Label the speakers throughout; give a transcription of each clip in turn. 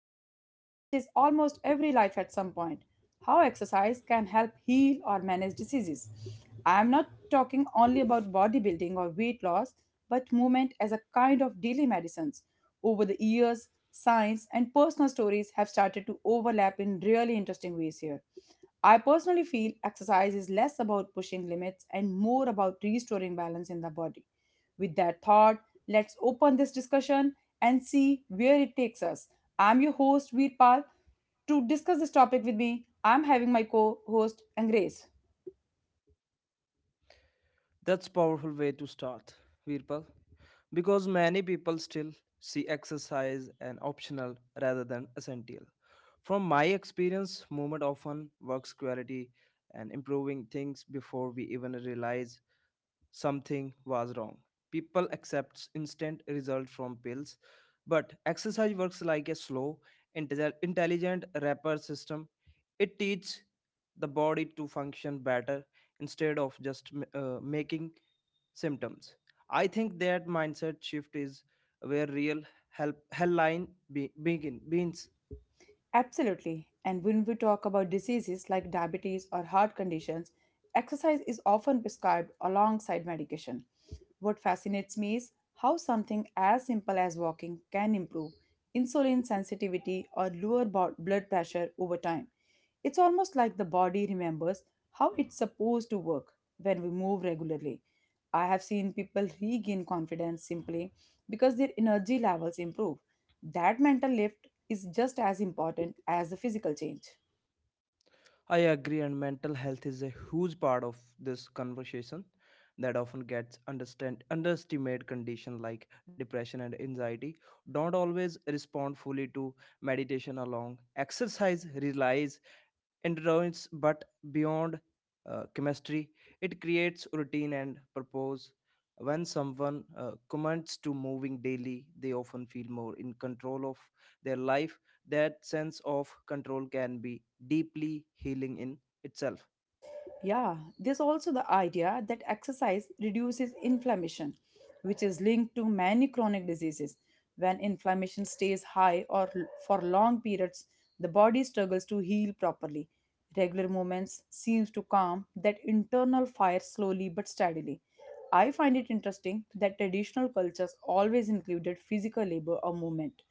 Speaker 1: topic that touches almost every life at some point, how exercise can help heal or manage diseases. I am not talking only about bodybuilding or weight loss, but movement as a kind of daily medicines. Over the years, science and personal stories have started to overlap in really interesting ways here. I personally feel exercise is less about pushing limits and more about restoring balance in the body. With that thought, let's open this discussion and see where it takes us. I'm your host, Veerpal. To discuss this topic with me, I'm having my co host, Grace.
Speaker 2: That's powerful way to start, Virpal, because many people still see exercise an optional rather than essential. From my experience, movement often works quality and improving things before we even realize something was wrong. People accept instant results from pills, but exercise works like a slow, intelligent repair system. It teaches the body to function better instead of just making symptoms. I think that mindset shift is where real help hell line be, begin, begins.
Speaker 1: Absolutely. And when we talk about diseases like diabetes or heart conditions, exercise is often prescribed alongside medication. What fascinates me is how something as simple as walking can improve insulin sensitivity or lower blood pressure over time. It's almost like the body remembers how it's supposed to work when we move regularly. I have seen people regain confidence simply because their energy levels improve. That mental lift is just as important as the physical change.
Speaker 2: I agree, and mental health is a huge part of this conversation that often gets understand underestimated condition like depression and anxiety don't always respond fully to meditation along exercise relies endurance but beyond chemistry, it creates routine and purpose when someone commits to moving daily. They often feel more in control of their life. That sense of control can be deeply healing in itself.
Speaker 1: Yeah, there's also the idea that exercise reduces inflammation, which is linked to many chronic diseases. When inflammation stays high or for long periods, the body struggles to heal properly. Regular movements seems to calm that internal fire slowly but steadily. I find it interesting that traditional cultures always included physical labor or movement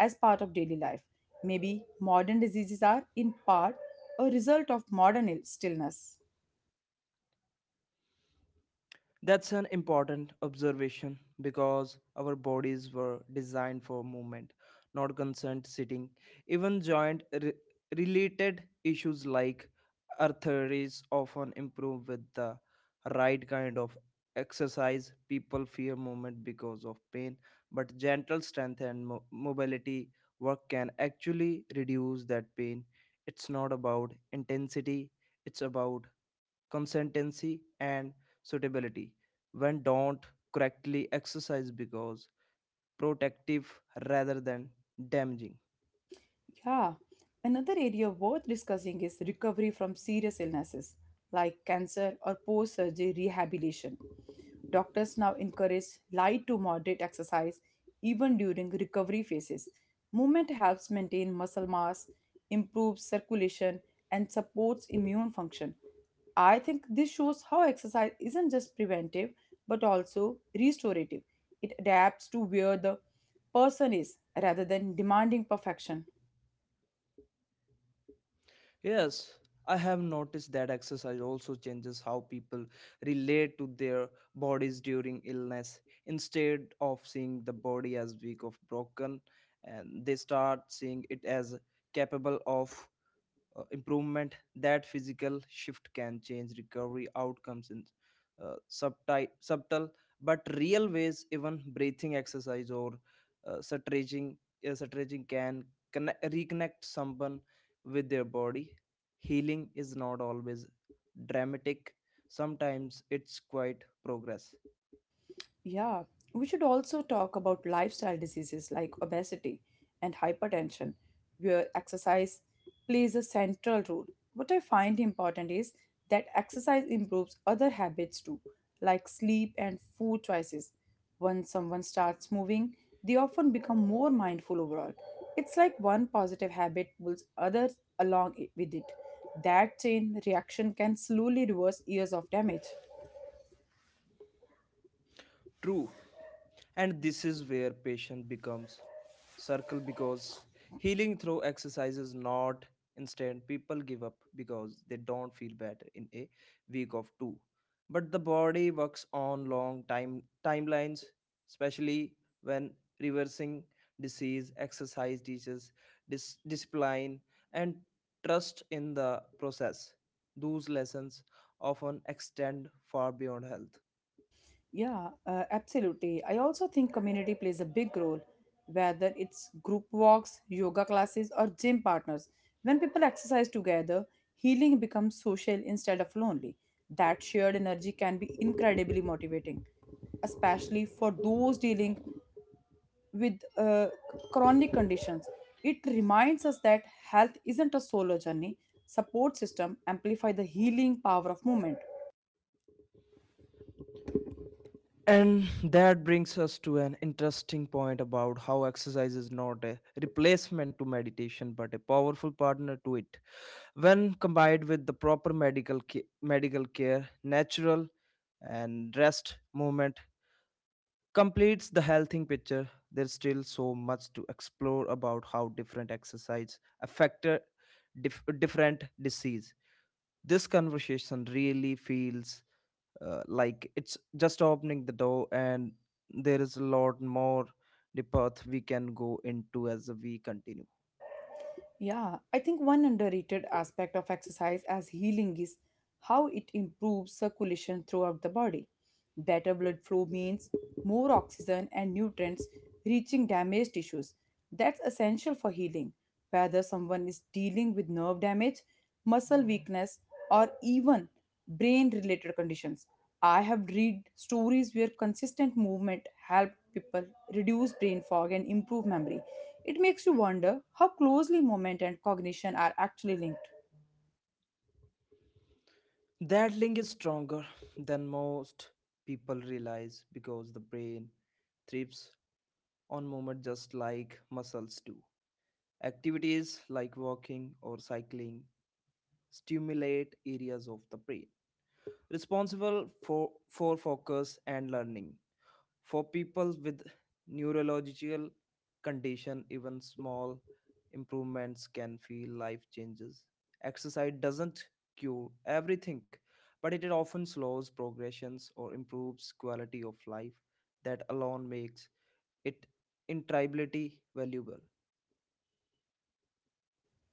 Speaker 1: as part of daily life. Maybe modern diseases are in part a result of modern stillness.
Speaker 2: That's an important observation because our bodies were designed for movement, not constant sitting. Even related issues like arthritis often improve with the right kind of exercise. People fear movement because of pain, but gentle strength and mobility work can actually reduce that pain. It's not about intensity, it's about consistency and suitability when don't correctly exercise because protective rather than damaging.
Speaker 1: Yeah, another area worth discussing is recovery from serious illnesses like cancer or post surgery rehabilitation. Doctors now encourage light to moderate exercise even during recovery phases. Movement helps maintain muscle mass, improves circulation, and supports immune function. I think this shows how exercise isn't just preventive but also restorative. It adapts to where the person is rather than demanding perfection.
Speaker 2: Yes, I have noticed that exercise also changes how people relate to their bodies during illness. Instead of seeing the body as weak or broken, and they start seeing it as capable of improvement. That physical shift can change recovery outcomes in subtle but real ways. Even breathing exercise or uh, stretching stretching can reconnect someone with their body. Healing is not always dramatic, sometimes it's quite progress.
Speaker 1: Yeah, we should also talk about lifestyle diseases like obesity and hypertension, where exercise plays a central role. What I find important is that exercise improves other habits too, like sleep and food choices. Once someone starts moving, they often become more mindful overall. It's like one positive habit pulls others along with it. That chain reaction can slowly reverse years of damage.
Speaker 2: True. And this is where patient becomes circle because healing through exercise is not instant. People give up because they don't feel better in a week of two. But the body works on long time timelines, especially when reversing disease, exercise teaches discipline and trust in the process. Those lessons often extend far beyond health.
Speaker 1: Yeah, absolutely. I also think community plays a big role, whether it's group walks, yoga classes, or gym partners. When people exercise together, healing becomes social instead of lonely. That shared energy can be incredibly motivating, especially for those dealing with chronic conditions. It reminds us that health isn't a solo journey. Support system amplify the healing power of movement.
Speaker 2: And that brings us to an interesting point about how exercise is not a replacement to meditation but a powerful partner to it. When combined with the proper medical care, natural and rest movement completes the healthy picture. There's still so much to explore about how different exercise affect different disease. This conversation really feels like it's just opening the door and there is a lot more the path we can go into as we continue.
Speaker 1: Yeah, I think one underrated aspect of exercise as healing is how it improves circulation throughout the body. Better blood flow means more oxygen and nutrients reaching damaged tissues. That's essential for healing. Whether someone is dealing with nerve damage, muscle weakness, or even brain related conditions. I have read stories where consistent movement helped people reduce brain fog and improve memory. It makes you wonder how closely movement and cognition are actually linked.
Speaker 2: That link is stronger than most people realize because the brain thrives on movement just like muscles do. Activities like walking or cycling stimulate areas of the brain responsible for focus and learning. For people with neurological condition, even small improvements can feel life changes. Exercise doesn't cure everything, but it often slows progressions or improves quality of life. That alone makes it intrability valuable.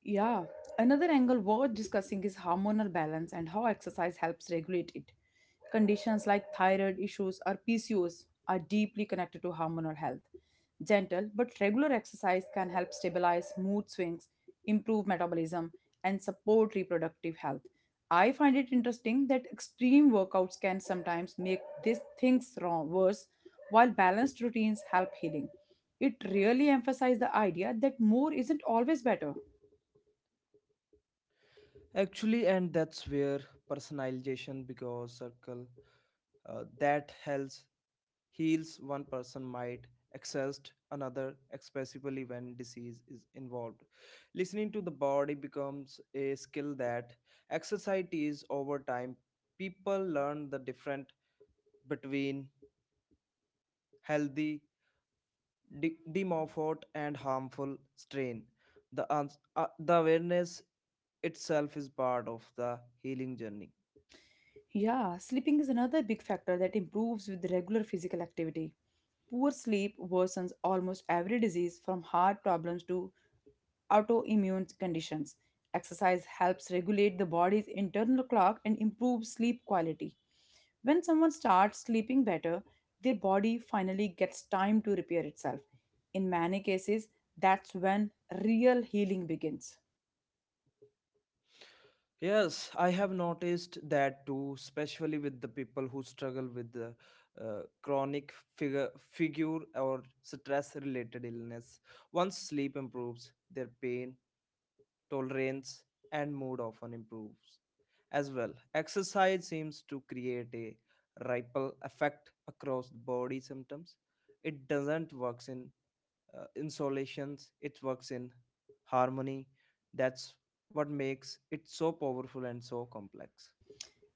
Speaker 1: Yeah, another angle worth discussing is hormonal balance and how exercise helps regulate it. Conditions like thyroid issues or PCOS are deeply connected to hormonal health. Gentle but regular exercise can help stabilize mood swings, improve metabolism, and support reproductive health. I find it interesting that extreme workouts can sometimes make these things wrong, worse, while balanced routines help healing. It really emphasizes the idea that more isn't always better.
Speaker 2: Actually, and that's where personalization because circle that helps heals one person might exhaust another, especially when disease is involved. Listening to the body becomes a skill that exercises over time. People learn the difference between healthy demorphote and harmful strain. The awareness itself is part of the healing journey.
Speaker 1: Yeah, sleeping is another big factor that improves with regular physical activity. Poor sleep worsens almost every disease from heart problems to autoimmune conditions. Exercise helps regulate the body's internal clock and improves sleep quality. When someone starts sleeping better, their body finally gets time to repair itself. In many cases, that's when real healing begins.
Speaker 2: Yes, I have noticed that too, especially with the people who struggle with the figure or stress-related illness. Once sleep improves, their pain tolerance and mood often improves as well. Exercise seems to create a ripple effect across the body symptoms. It doesn't work in insolations, it works in harmony. That's what makes it so powerful and so complex.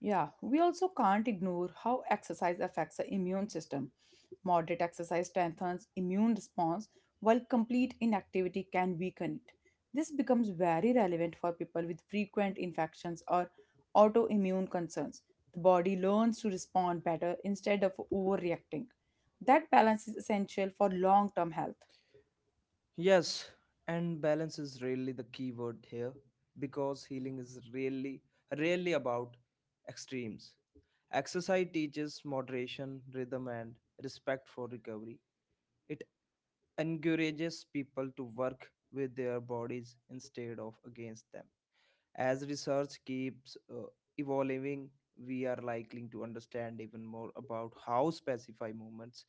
Speaker 1: Yeah, we also can't ignore how exercise affects the immune system. Moderate exercise strengthens immune response, while complete inactivity can weaken it. This becomes very relevant for people with frequent infections or autoimmune concerns. The body learns to respond better instead of overreacting. That balance is essential for long term health.
Speaker 2: Yes, and balance is really the key word here because healing is really really about extremes. Exercise teaches moderation, rhythm, and respect for recovery. It encourages people to work with their bodies instead of against them. As research keeps evolving, we are likely to understand even more about how specify movements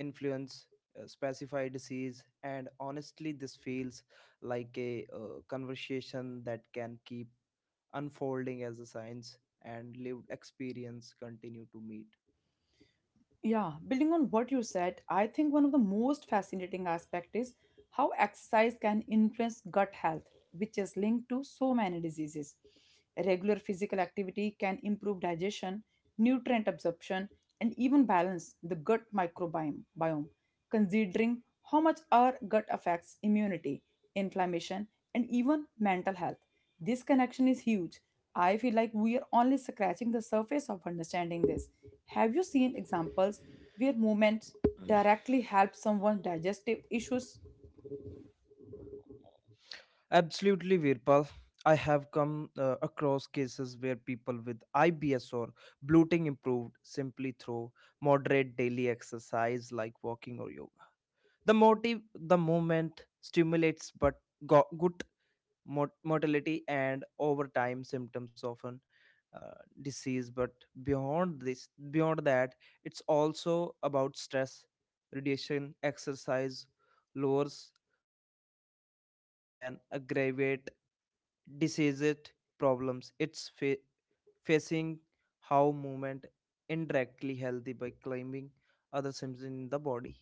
Speaker 2: influence specify disease. And honestly this feels like a conversation that can keep unfolding as the science and lived experience continue to meet.
Speaker 1: Yeah, building on what you said, I think one of the most fascinating aspect is how exercise can influence gut health, which is linked to so many diseases. Regular physical activity can improve digestion, nutrient absorption, and even balance the gut biome, considering how much our gut affects immunity, inflammation, and even mental health. This connection is huge. I feel like we are only scratching the surface of understanding this. Have you seen examples where movement directly helps someone digestive issues?
Speaker 2: Absolutely, Virpal. I have come across cases where people with IBS or bloating improved simply through moderate daily exercise like walking or yoga. The movement stimulates but good motility, and over time symptoms often disease. But beyond that, it's also about stress radiation. Exercise lowers cortisol, which can aggravate diseases problems it's facing how movement indirectly healthy by climbing other systems in the body.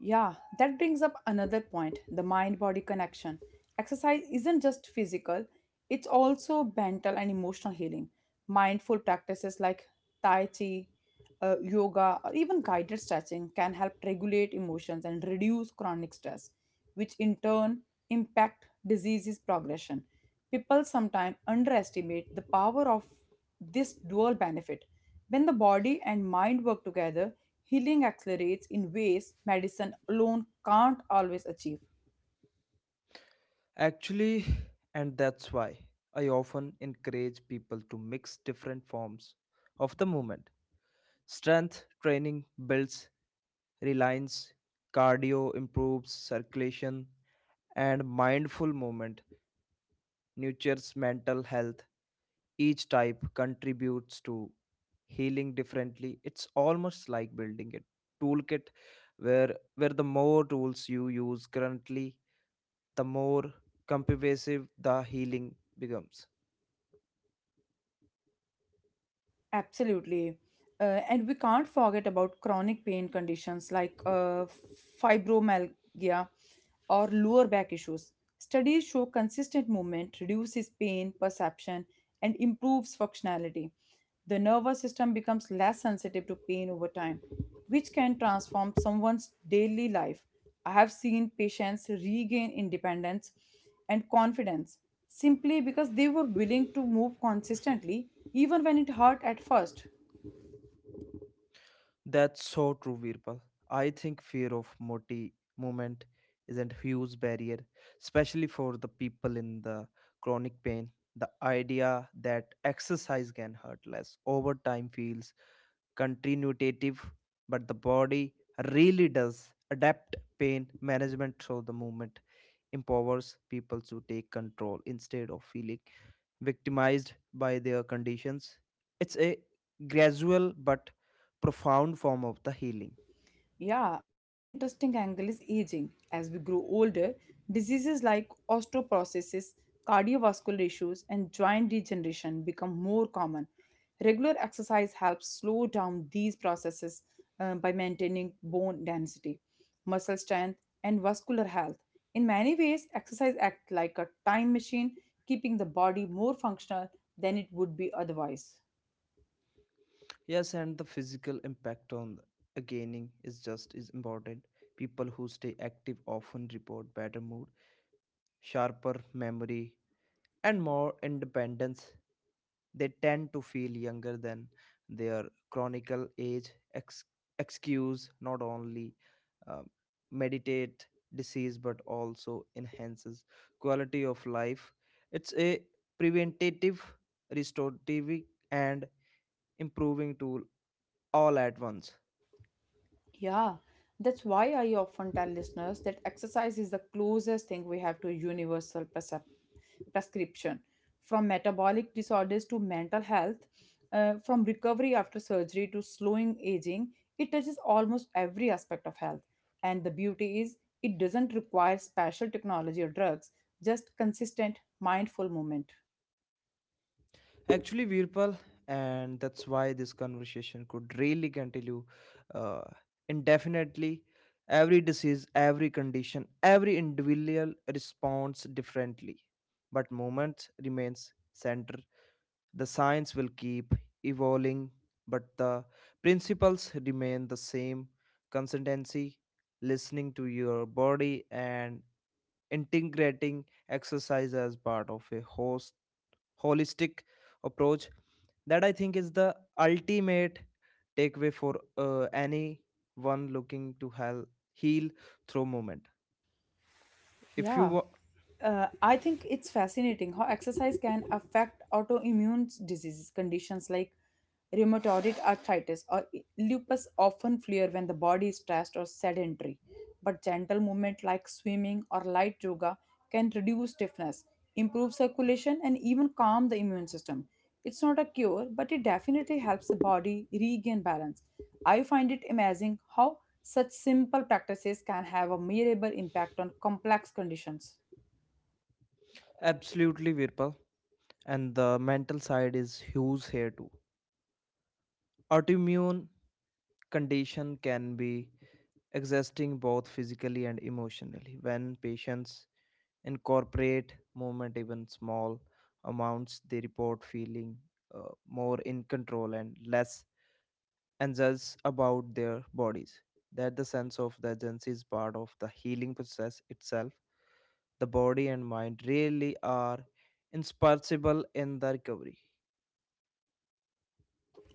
Speaker 1: Yeah, that brings up another point, the mind body connection. Exercise isn't just physical, it's also mental and emotional healing. Mindful practices like Tai Chi, yoga, or even guided stretching can help regulate emotions and reduce chronic stress, which in turn impact diseases progression. People sometimes underestimate the power of this dual benefit. When the body and mind work together, healing accelerates in ways medicine alone can't always achieve.
Speaker 2: Actually, and that's why I often encourage people to mix different forms of the movement. Strength training builds reliance, cardio improves circulation, and mindful movement nurtures mental health. Each type contributes to healing differently. It's almost like building a toolkit where the more tools you use currently, the more comprehensive the healing becomes.
Speaker 1: Absolutely. And we can't forget about chronic pain conditions like fibromyalgia or lower back issues. Studies show consistent movement reduces pain perception and improves functionality. The nervous system becomes less sensitive to pain over time, which can transform someone's daily life. I have seen patients regain independence and confidence simply because they were willing to move consistently, even when it hurt at first.
Speaker 2: That's so true, Virpal. I think fear of moti movement is a huge barrier, especially for the people in the chronic pain. The idea that exercise can hurt less over time feels continuative, but the body really does adapt. Pain management through the movement empowers people to take control instead of feeling victimized by their conditions. It's a gradual but profound form of the healing.
Speaker 1: Yeah, another interesting angle is aging. As we grow older, diseases like osteoporosis, cardiovascular issues, and joint degeneration become more common. Regular exercise helps slow down these processes by maintaining bone density, muscle strength, and vascular health. In many ways, exercise acts like a time machine, keeping the body more functional than it would be otherwise.
Speaker 2: Yes, and the physical impact on the gaining is just as important. People who stay active often report better mood, sharper memory, and more independence. They tend to feel younger than their chronical excuse, not only um, meditate disease but also enhances quality of life. It's a preventative, restorative, and improving tool all at once.
Speaker 1: Yeah, that's why I often tell listeners that exercise is the closest thing we have to a universal prescription. From metabolic disorders to mental health, from recovery after surgery to slowing aging, it touches almost every aspect of health. And the beauty is, it doesn't require special technology or drugs, just consistent, mindful movement.
Speaker 2: Actually, Virpal, and that's why this conversation could really continue uh, indefinitely. Every disease, every condition, every individual responds differently, but moment remains center. The science will keep evolving, but the principles remain the same: consistency, listening to your body, and integrating exercise as part of a host holistic approach. That I think is the ultimate takeaway for anyone looking to heal through movement. If you
Speaker 1: Yeah.
Speaker 2: wa-
Speaker 1: I think it's fascinating how exercise can affect autoimmune diseases, conditions like rheumatoid arthritis or lupus often flare when the body is stressed or sedentary. But gentle movement like swimming or light yoga can reduce stiffness, improve circulation, and even calm the immune system. It's not a cure, but it definitely helps the body regain balance. I find it amazing how such simple practices can have a measurable impact on complex conditions.
Speaker 2: Absolutely, Virpal, and the mental side is huge here too. Autoimmune condition can be existing both physically and emotionally. When patients incorporate movement, even small amounts, they report feeling uh, more in control and less anxious about their bodies. That the sense of the agency is part of the healing process itself. The body and mind really are indispensable in the recovery.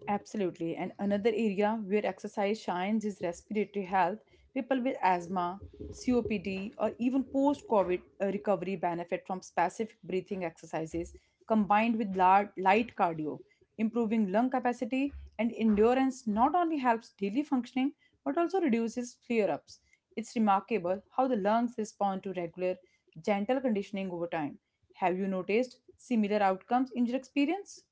Speaker 1: Absolutely. And another area where exercise shines is respiratory health. People with asthma, COPD, or even post COVID recovery benefit from specific breathing exercises combined with light cardio. Improving lung capacity and endurance not only helps daily functioning but also reduces flare ups. It's remarkable how the lungs respond to regular, gentle conditioning over time. Have you noticed similar outcomes in your experience?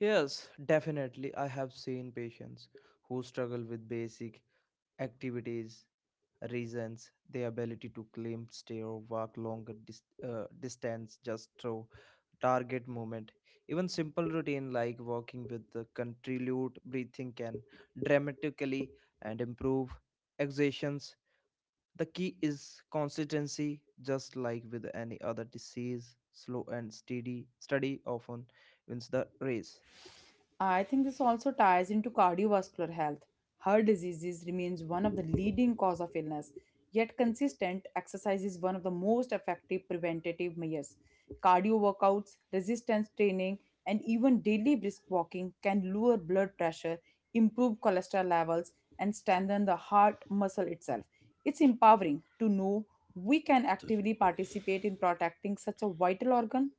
Speaker 2: Yes, definitely. I have seen patients who struggle with basic activities, reasons, the ability to climb stair or walk longer distance just through target movement. Even simple routine like walking with the continued breathing can dramatically and improve exertions. The key is consistency, just like with any other disease. Slow and steady study often wins the race.
Speaker 1: I think this also ties into cardiovascular health. Heart diseases remains one of the leading cause of illness, yet consistent exercise is one of the most effective preventative measures. Cardio workouts, resistance training, and even daily brisk walking can lower blood pressure, improve cholesterol levels, and strengthen the heart muscle itself. It's empowering to know we can actively participate in protecting such a vital organ.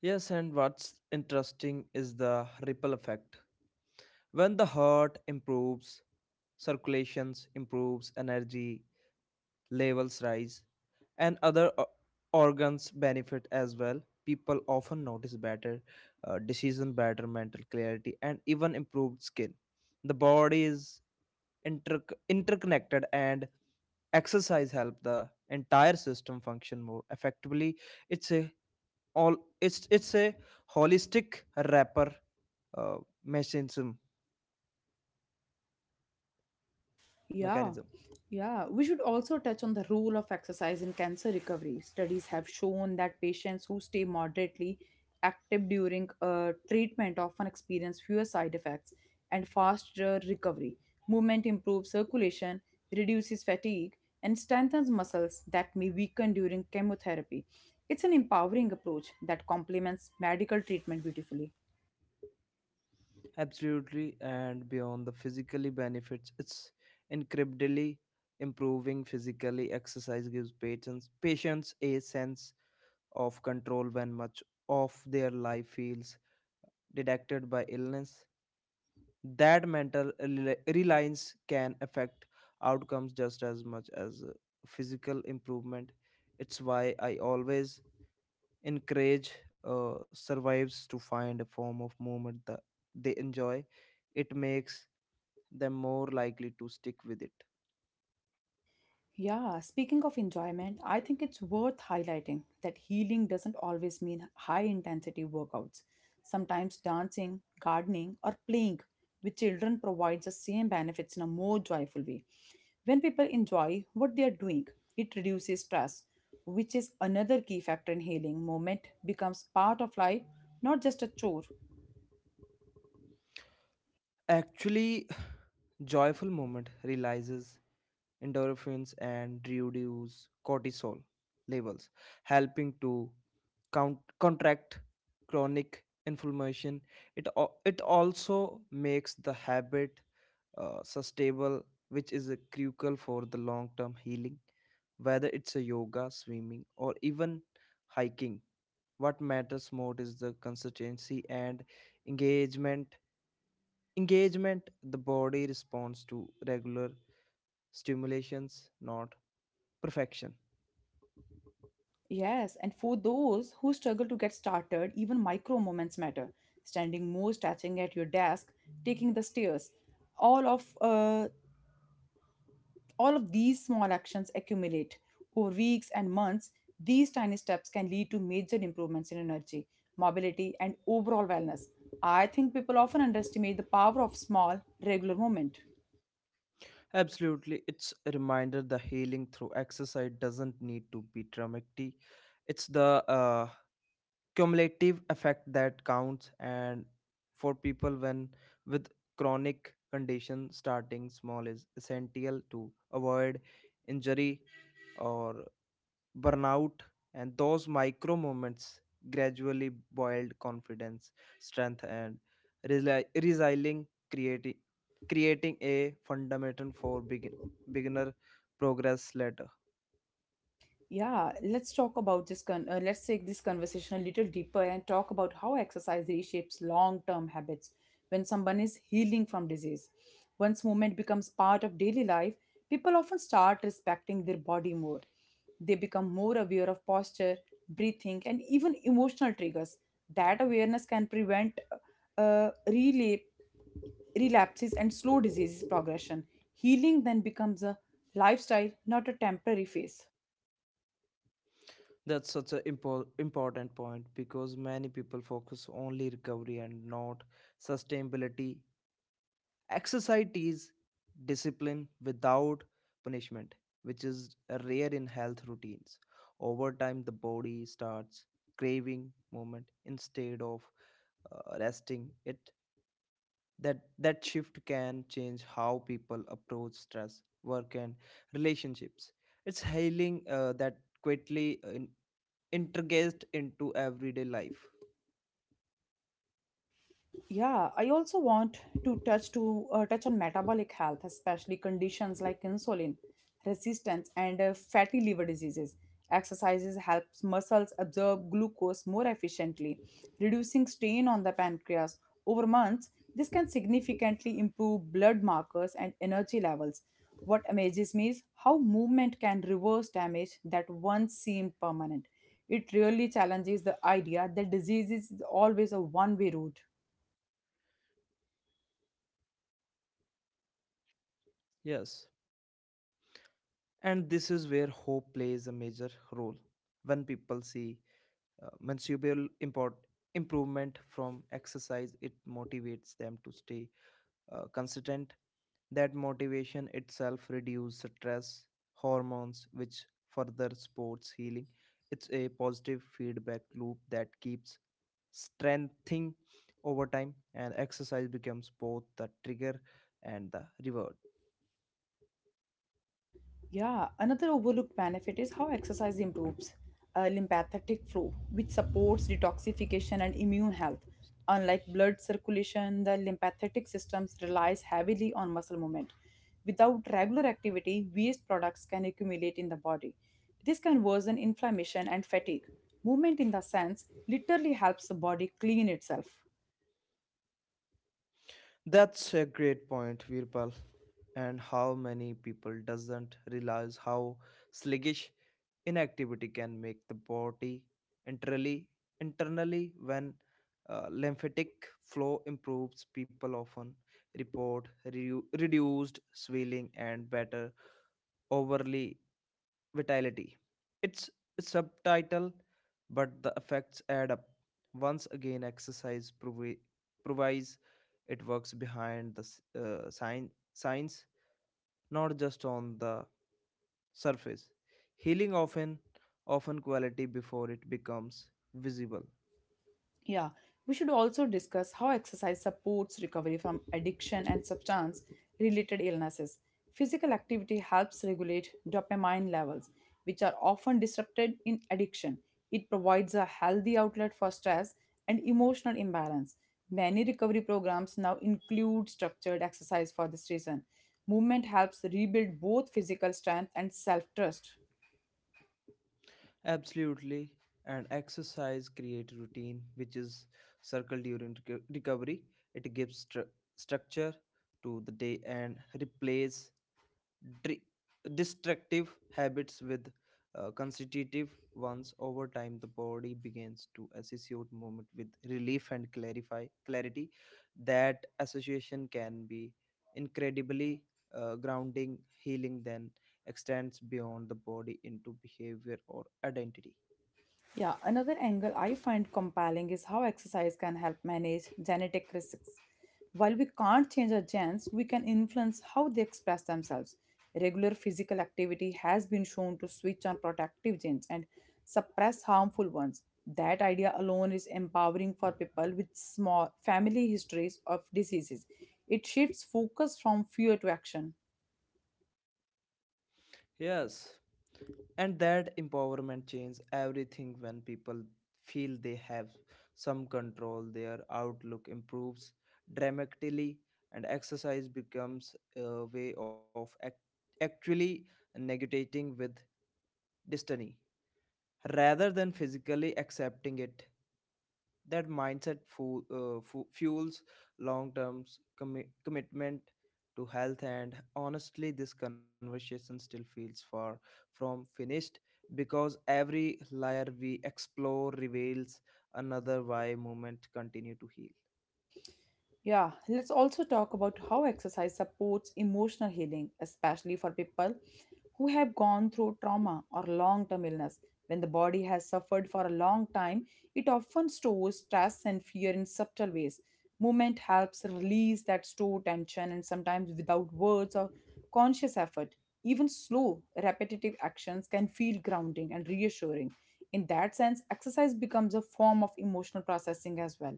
Speaker 2: Yes, and what's interesting is the ripple effect. When the heart improves, circulations improves, energy levels rise, and other organs benefit as well. People often notice better decision, better mental clarity, and even improved skin. The body is inter- interconnected, and exercise help the entire system function more effectively. It's a all it's a holistic wrapper uh, mechanism
Speaker 1: Yeah,
Speaker 2: mechanism.
Speaker 1: yeah. We should also touch on the role of exercise in cancer recovery. Studies have shown that patients who stay moderately active during treatment often experience fewer side effects and faster recovery. Movement improves circulation, reduces fatigue, and strengthens muscles that may weaken during chemotherapy. It's an empowering approach that complements medical treatment beautifully.
Speaker 2: Absolutely, and beyond the physically benefits, it's incredibly improving physically. Exercise gives patients a sense of control when much of their life feels deducted by illness. That mental reliance can affect outcomes just as much as physical improvement. It's why I always encourage survives to find a form of movement that they enjoy. It makes them more likely to stick with it.
Speaker 1: Yeah, speaking of enjoyment, I think it's worth highlighting that healing doesn't always mean high intensity workouts. Sometimes dancing, gardening, or playing with children provides the same benefits in a more joyful way. When people enjoy what they are doing, it reduces stress, which is another key factor in healing. Moment becomes part of life, not just a chore.
Speaker 2: Actually, joyful moment releases endorphins and reduces cortisol levels, helping to contract chronic inflammation. It also makes the habit sustainable, which is a crucial for the long-term healing. Whether it's a yoga, swimming, or even hiking, what matters more is the consistency and engagement. Engagement, the body responds to regular stimulations, not perfection.
Speaker 1: Yes, and for those who struggle to get started, even micro moments matter. Standing more, stretching at your desk, taking the stairs. All of uh, all of these small actions accumulate over weeks and months. These tiny steps can lead to major improvements in energy, mobility, and overall wellness. I think people often underestimate the power of small, regular movement.
Speaker 2: Absolutely, it's a reminder the healing through exercise doesn't need to be dramatic. It's the cumulative effect that counts. And for people when with chronic condition, starting small is essential to avoid injury or burnout. And those micro moments gradually build confidence, strength, and resiling, creating a fundamental for beginner progress later.
Speaker 1: Yeah, let's take this conversation a little deeper and talk about how exercise reshapes long-term habits. When someone is healing from disease, once movement becomes part of daily life, people often start respecting their body more. They become more aware of posture, breathing, and even emotional triggers. That awareness can prevent uh, relay, relapses and slow disease progression. Healing then becomes a lifestyle, not a temporary phase.
Speaker 2: That's such an important point because many people focus only recovery and not sustainability. Exercise is discipline without punishment, which is rare in health routines. Over time, the body starts craving movement instead of resting it. That shift can change how people approach stress, work, and relationships. It's healing that quietly integrated into everyday life.
Speaker 1: Yeah, I also want to touch on metabolic health, especially conditions like insulin resistance and fatty liver diseases. Exercises helps muscles absorb glucose more efficiently, reducing strain on the pancreas over months. This can significantly improve blood markers and energy levels. What amazes me is how movement can reverse damage that once seemed permanent. It really challenges the idea that disease is always a one-way road.
Speaker 2: Yes, and this is where hope plays a major role. When people see mensurable import improvement from exercise, it motivates them to stay consistent. That motivation itself reduces stress hormones, which further supports healing. It's a positive feedback loop that keeps strengthening over time, and exercise becomes both the trigger and the reward.
Speaker 1: Yeah, another overlooked benefit is how exercise improves lymphatic flow, which supports detoxification and immune health. Unlike blood circulation, the lymphatic system relies heavily on muscle movement. Without regular activity, waste products can accumulate in the body. This can worsen inflammation and fatigue. Movement, in the sense, literally helps the body clean itself.
Speaker 2: That's a great point, Virpal. And how many people doesn't realize how sluggish inactivity can make the body internally internally when lymphatic flow improves. People often reduced swelling and better overly vitality. It's a subtitle, but the effects add up. Once again, provides. It works behind the science, not just on the surface. Healing often quality before it becomes visible.
Speaker 1: Yeah, we should also discuss how exercise supports recovery from addiction and substance related illnesses. Physical activity helps regulate dopamine levels, which are often disrupted in addiction. It provides a healthy outlet for stress and emotional imbalance. Many recovery programs now include structured exercise for this reason. Movement helps rebuild both physical strength and self trust.
Speaker 2: Absolutely. And exercise create routine, which is circled during recovery. It gives structure to the day and replace dri- destructive habits with constitutive ones. Over time the body begins to associate movement with relief and clarify clarity. That association can be incredibly grounding. Healing then extends beyond the body into behavior or identity.
Speaker 1: Yeah, another angle I find compelling is how exercise can help manage genetic risks. While we can't change our genes, we can influence how they express themselves. Regular physical activity has been shown to switch on protective genes and suppress harmful ones. That idea alone is empowering for people with small family histories of diseases. It shifts focus from fear to action.
Speaker 2: Yes, and that empowerment changes everything. When people feel they have some control, their outlook improves dramatically, and exercise becomes a way of actually negating with destiny rather than physically accepting it. That mindset fuels long term commitment to health. And honestly, this conversation still feels far from finished, because every layer we explore reveals another why movement continue to heal.
Speaker 1: Yeah, let's also talk about how exercise supports emotional healing, especially for people who have gone through trauma or long term illness. When the body has suffered for a long time, it often stores stress and fear in subtle ways. Movement helps release that stored tension, and sometimes without words or conscious effort, even slow, repetitive actions can feel grounding and reassuring. In that sense, exercise becomes a form of emotional processing as well.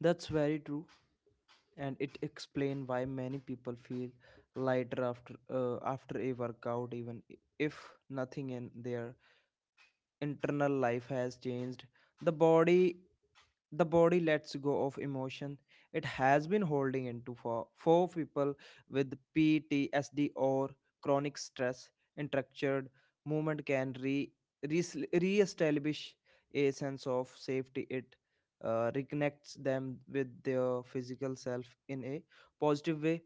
Speaker 2: That's very true, and it explains why many people feel lighter after a workout, even if nothing in their internal life has changed. The body the body lets go of emotion it has been holding into. For people with PTSD or chronic stress, structured movement can re-establish a sense of safety. It reconnects them with their physical self in a positive way.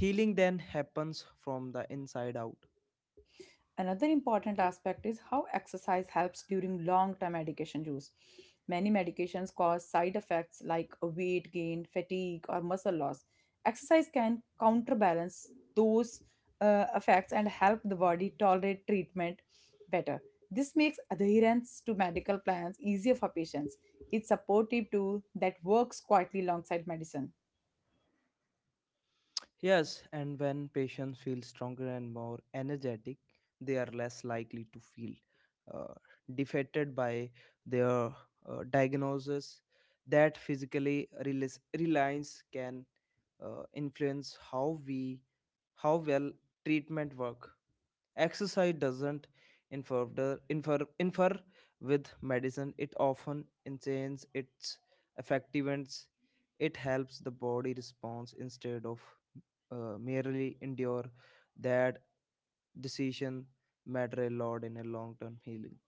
Speaker 2: Healing then happens from the inside out.
Speaker 1: Another important aspect is how exercise helps during long term medication use. Many medications cause side effects like weight gain, fatigue, or muscle loss. Exercise can counterbalance those effects and help the body tolerate treatment better. This makes adherence to medical plans easier for patients. It's supportive tool that works quietly alongside medicine.
Speaker 2: Yes, and when patients feel stronger and more energetic, they are less likely to feel uh, defeated by their diagnosis. That reliance can influence how well treatment work. Exercise doesn't infer with medicine, it often enhances its effectiveness. It helps the body response instead of merely endure. That decision matter a lot in a long-term healing.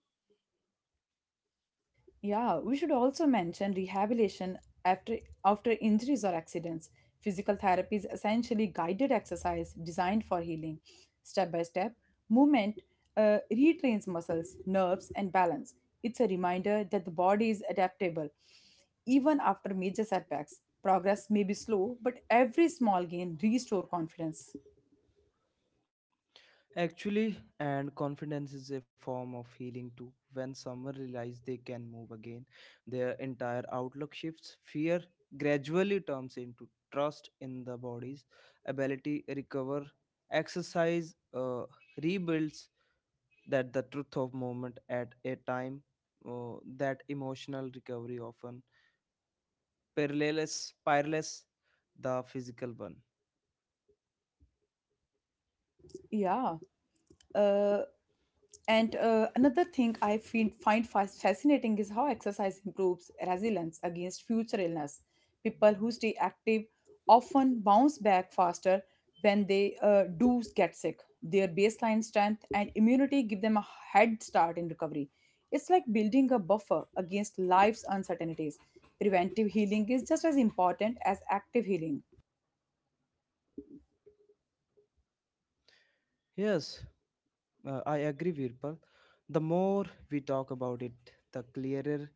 Speaker 1: Yeah, we should also mention rehabilitation after after injuries or accidents. Physical therapy is essentially guided exercise designed for healing. Step by step, movement retrains muscles, nerves, and balance. It's a reminder that the body is adaptable. Even after major setbacks, progress may be slow, but every small gain restore confidence.
Speaker 2: Actually, and confidence is a form of healing too. When someone realizes they can move again, their entire outlook shifts. Fear gradually turns into trust in the body's ability recover. Exercise rebuilds that the truth of movement at a time, that emotional recovery often parallels the physical one.
Speaker 1: Yeah, uh, And Another thing I fascinating is how exercise improves resilience against future illness. People who stay active often bounce back faster when they do get sick. Their baseline strength and immunity give them a head start in recovery. It's like building a buffer against life's uncertainties. Preventive healing is just as important as active healing.
Speaker 2: Yes, I agree, Virpal. The more we talk about it, the clearer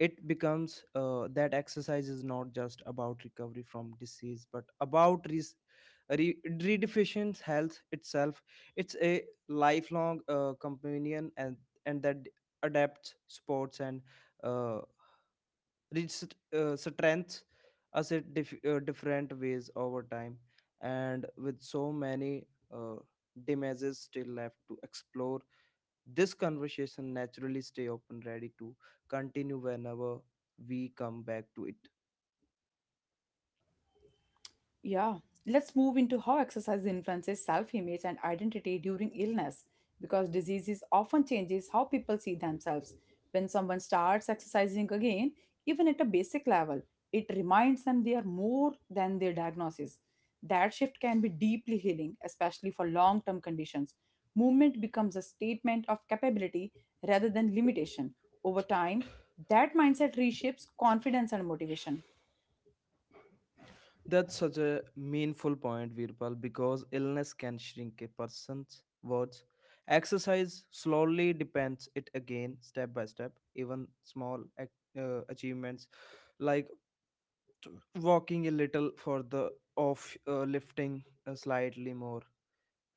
Speaker 2: it becomes, that exercise is not just about recovery from disease, but about redeficient health itself. It's a lifelong companion, and that adapts sports and uh, reach strength as it different ways over time. And with so many uh, damages still left to explore, this conversation naturally stay open, ready to continue whenever we come back to it.
Speaker 1: Yeah, let's move into how exercise influences self image and identity during illness because diseases often changes how people see themselves. When someone starts exercising again, even at a basic level, it reminds them they are more than their diagnosis. That shift can be deeply healing, especially for long term conditions. Movement becomes a statement of capability rather than limitation. Over time, that mindset reshapes confidence and motivation.
Speaker 2: That's such a meaningful point, Virpal, because illness can shrink a person's words. Exercise slowly depends it again, step by step. Even small achievements like walking a little further, off lifting slightly more,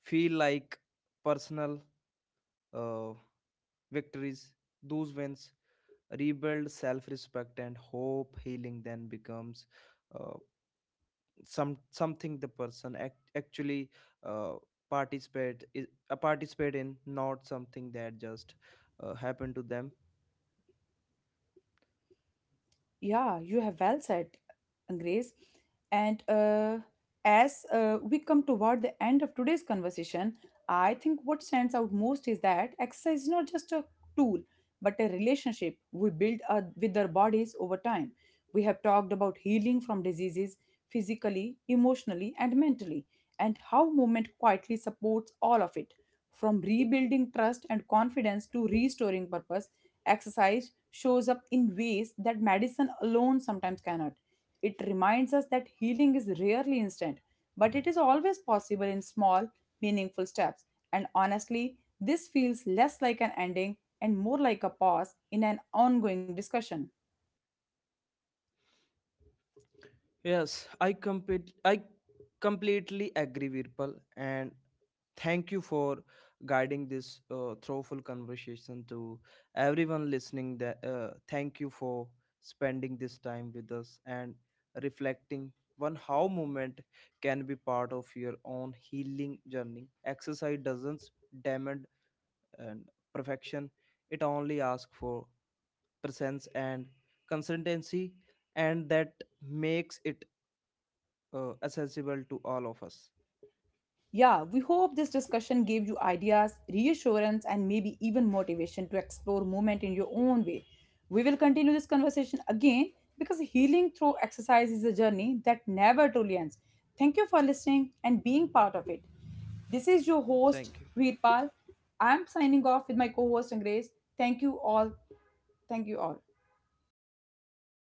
Speaker 2: feel like personal uh, victories. Those wins rebuild self-respect and hope. Healing then becomes, uh, something the person actually uh, participate i- participate in, not something that just happened to them.
Speaker 1: Yeah, you have well said, Grace. And as we come toward the end of today's conversation, I think what stands out most is that exercise is not just a tool, but a relationship we build with our bodies over time. We have talked about healing from diseases physically, emotionally, and mentally, and how movement quietly supports all of it. From rebuilding trust and confidence to restoring purpose, exercise shows up in ways that medicine alone sometimes cannot. It reminds us that healing is rarely instant, but it is always possible in small, meaningful steps. And honestly, this feels less like an ending and more like a pause in an ongoing discussion.
Speaker 2: Yes, I completely agree, Virpal, and thank you for guiding this thoughtful conversation. To everyone listening, that thank you for spending this time with us and reflecting on how movement can be part of your own healing journey. Exercise doesn't demand and perfection. It only asks for presence and consistency, and that makes it accessible to all of us.
Speaker 1: Yeah, we hope this discussion gave you ideas, reassurance, and maybe even motivation to explore movement in your own way. We will continue this conversation again because healing through exercise is a journey that never truly ends. Thank you for listening and being part of it. This is your host,
Speaker 2: Thank you.
Speaker 1: Veerpal. I'm signing off with my co host, Grace. Thank you all. Thank you all.
Speaker 2: Thank you.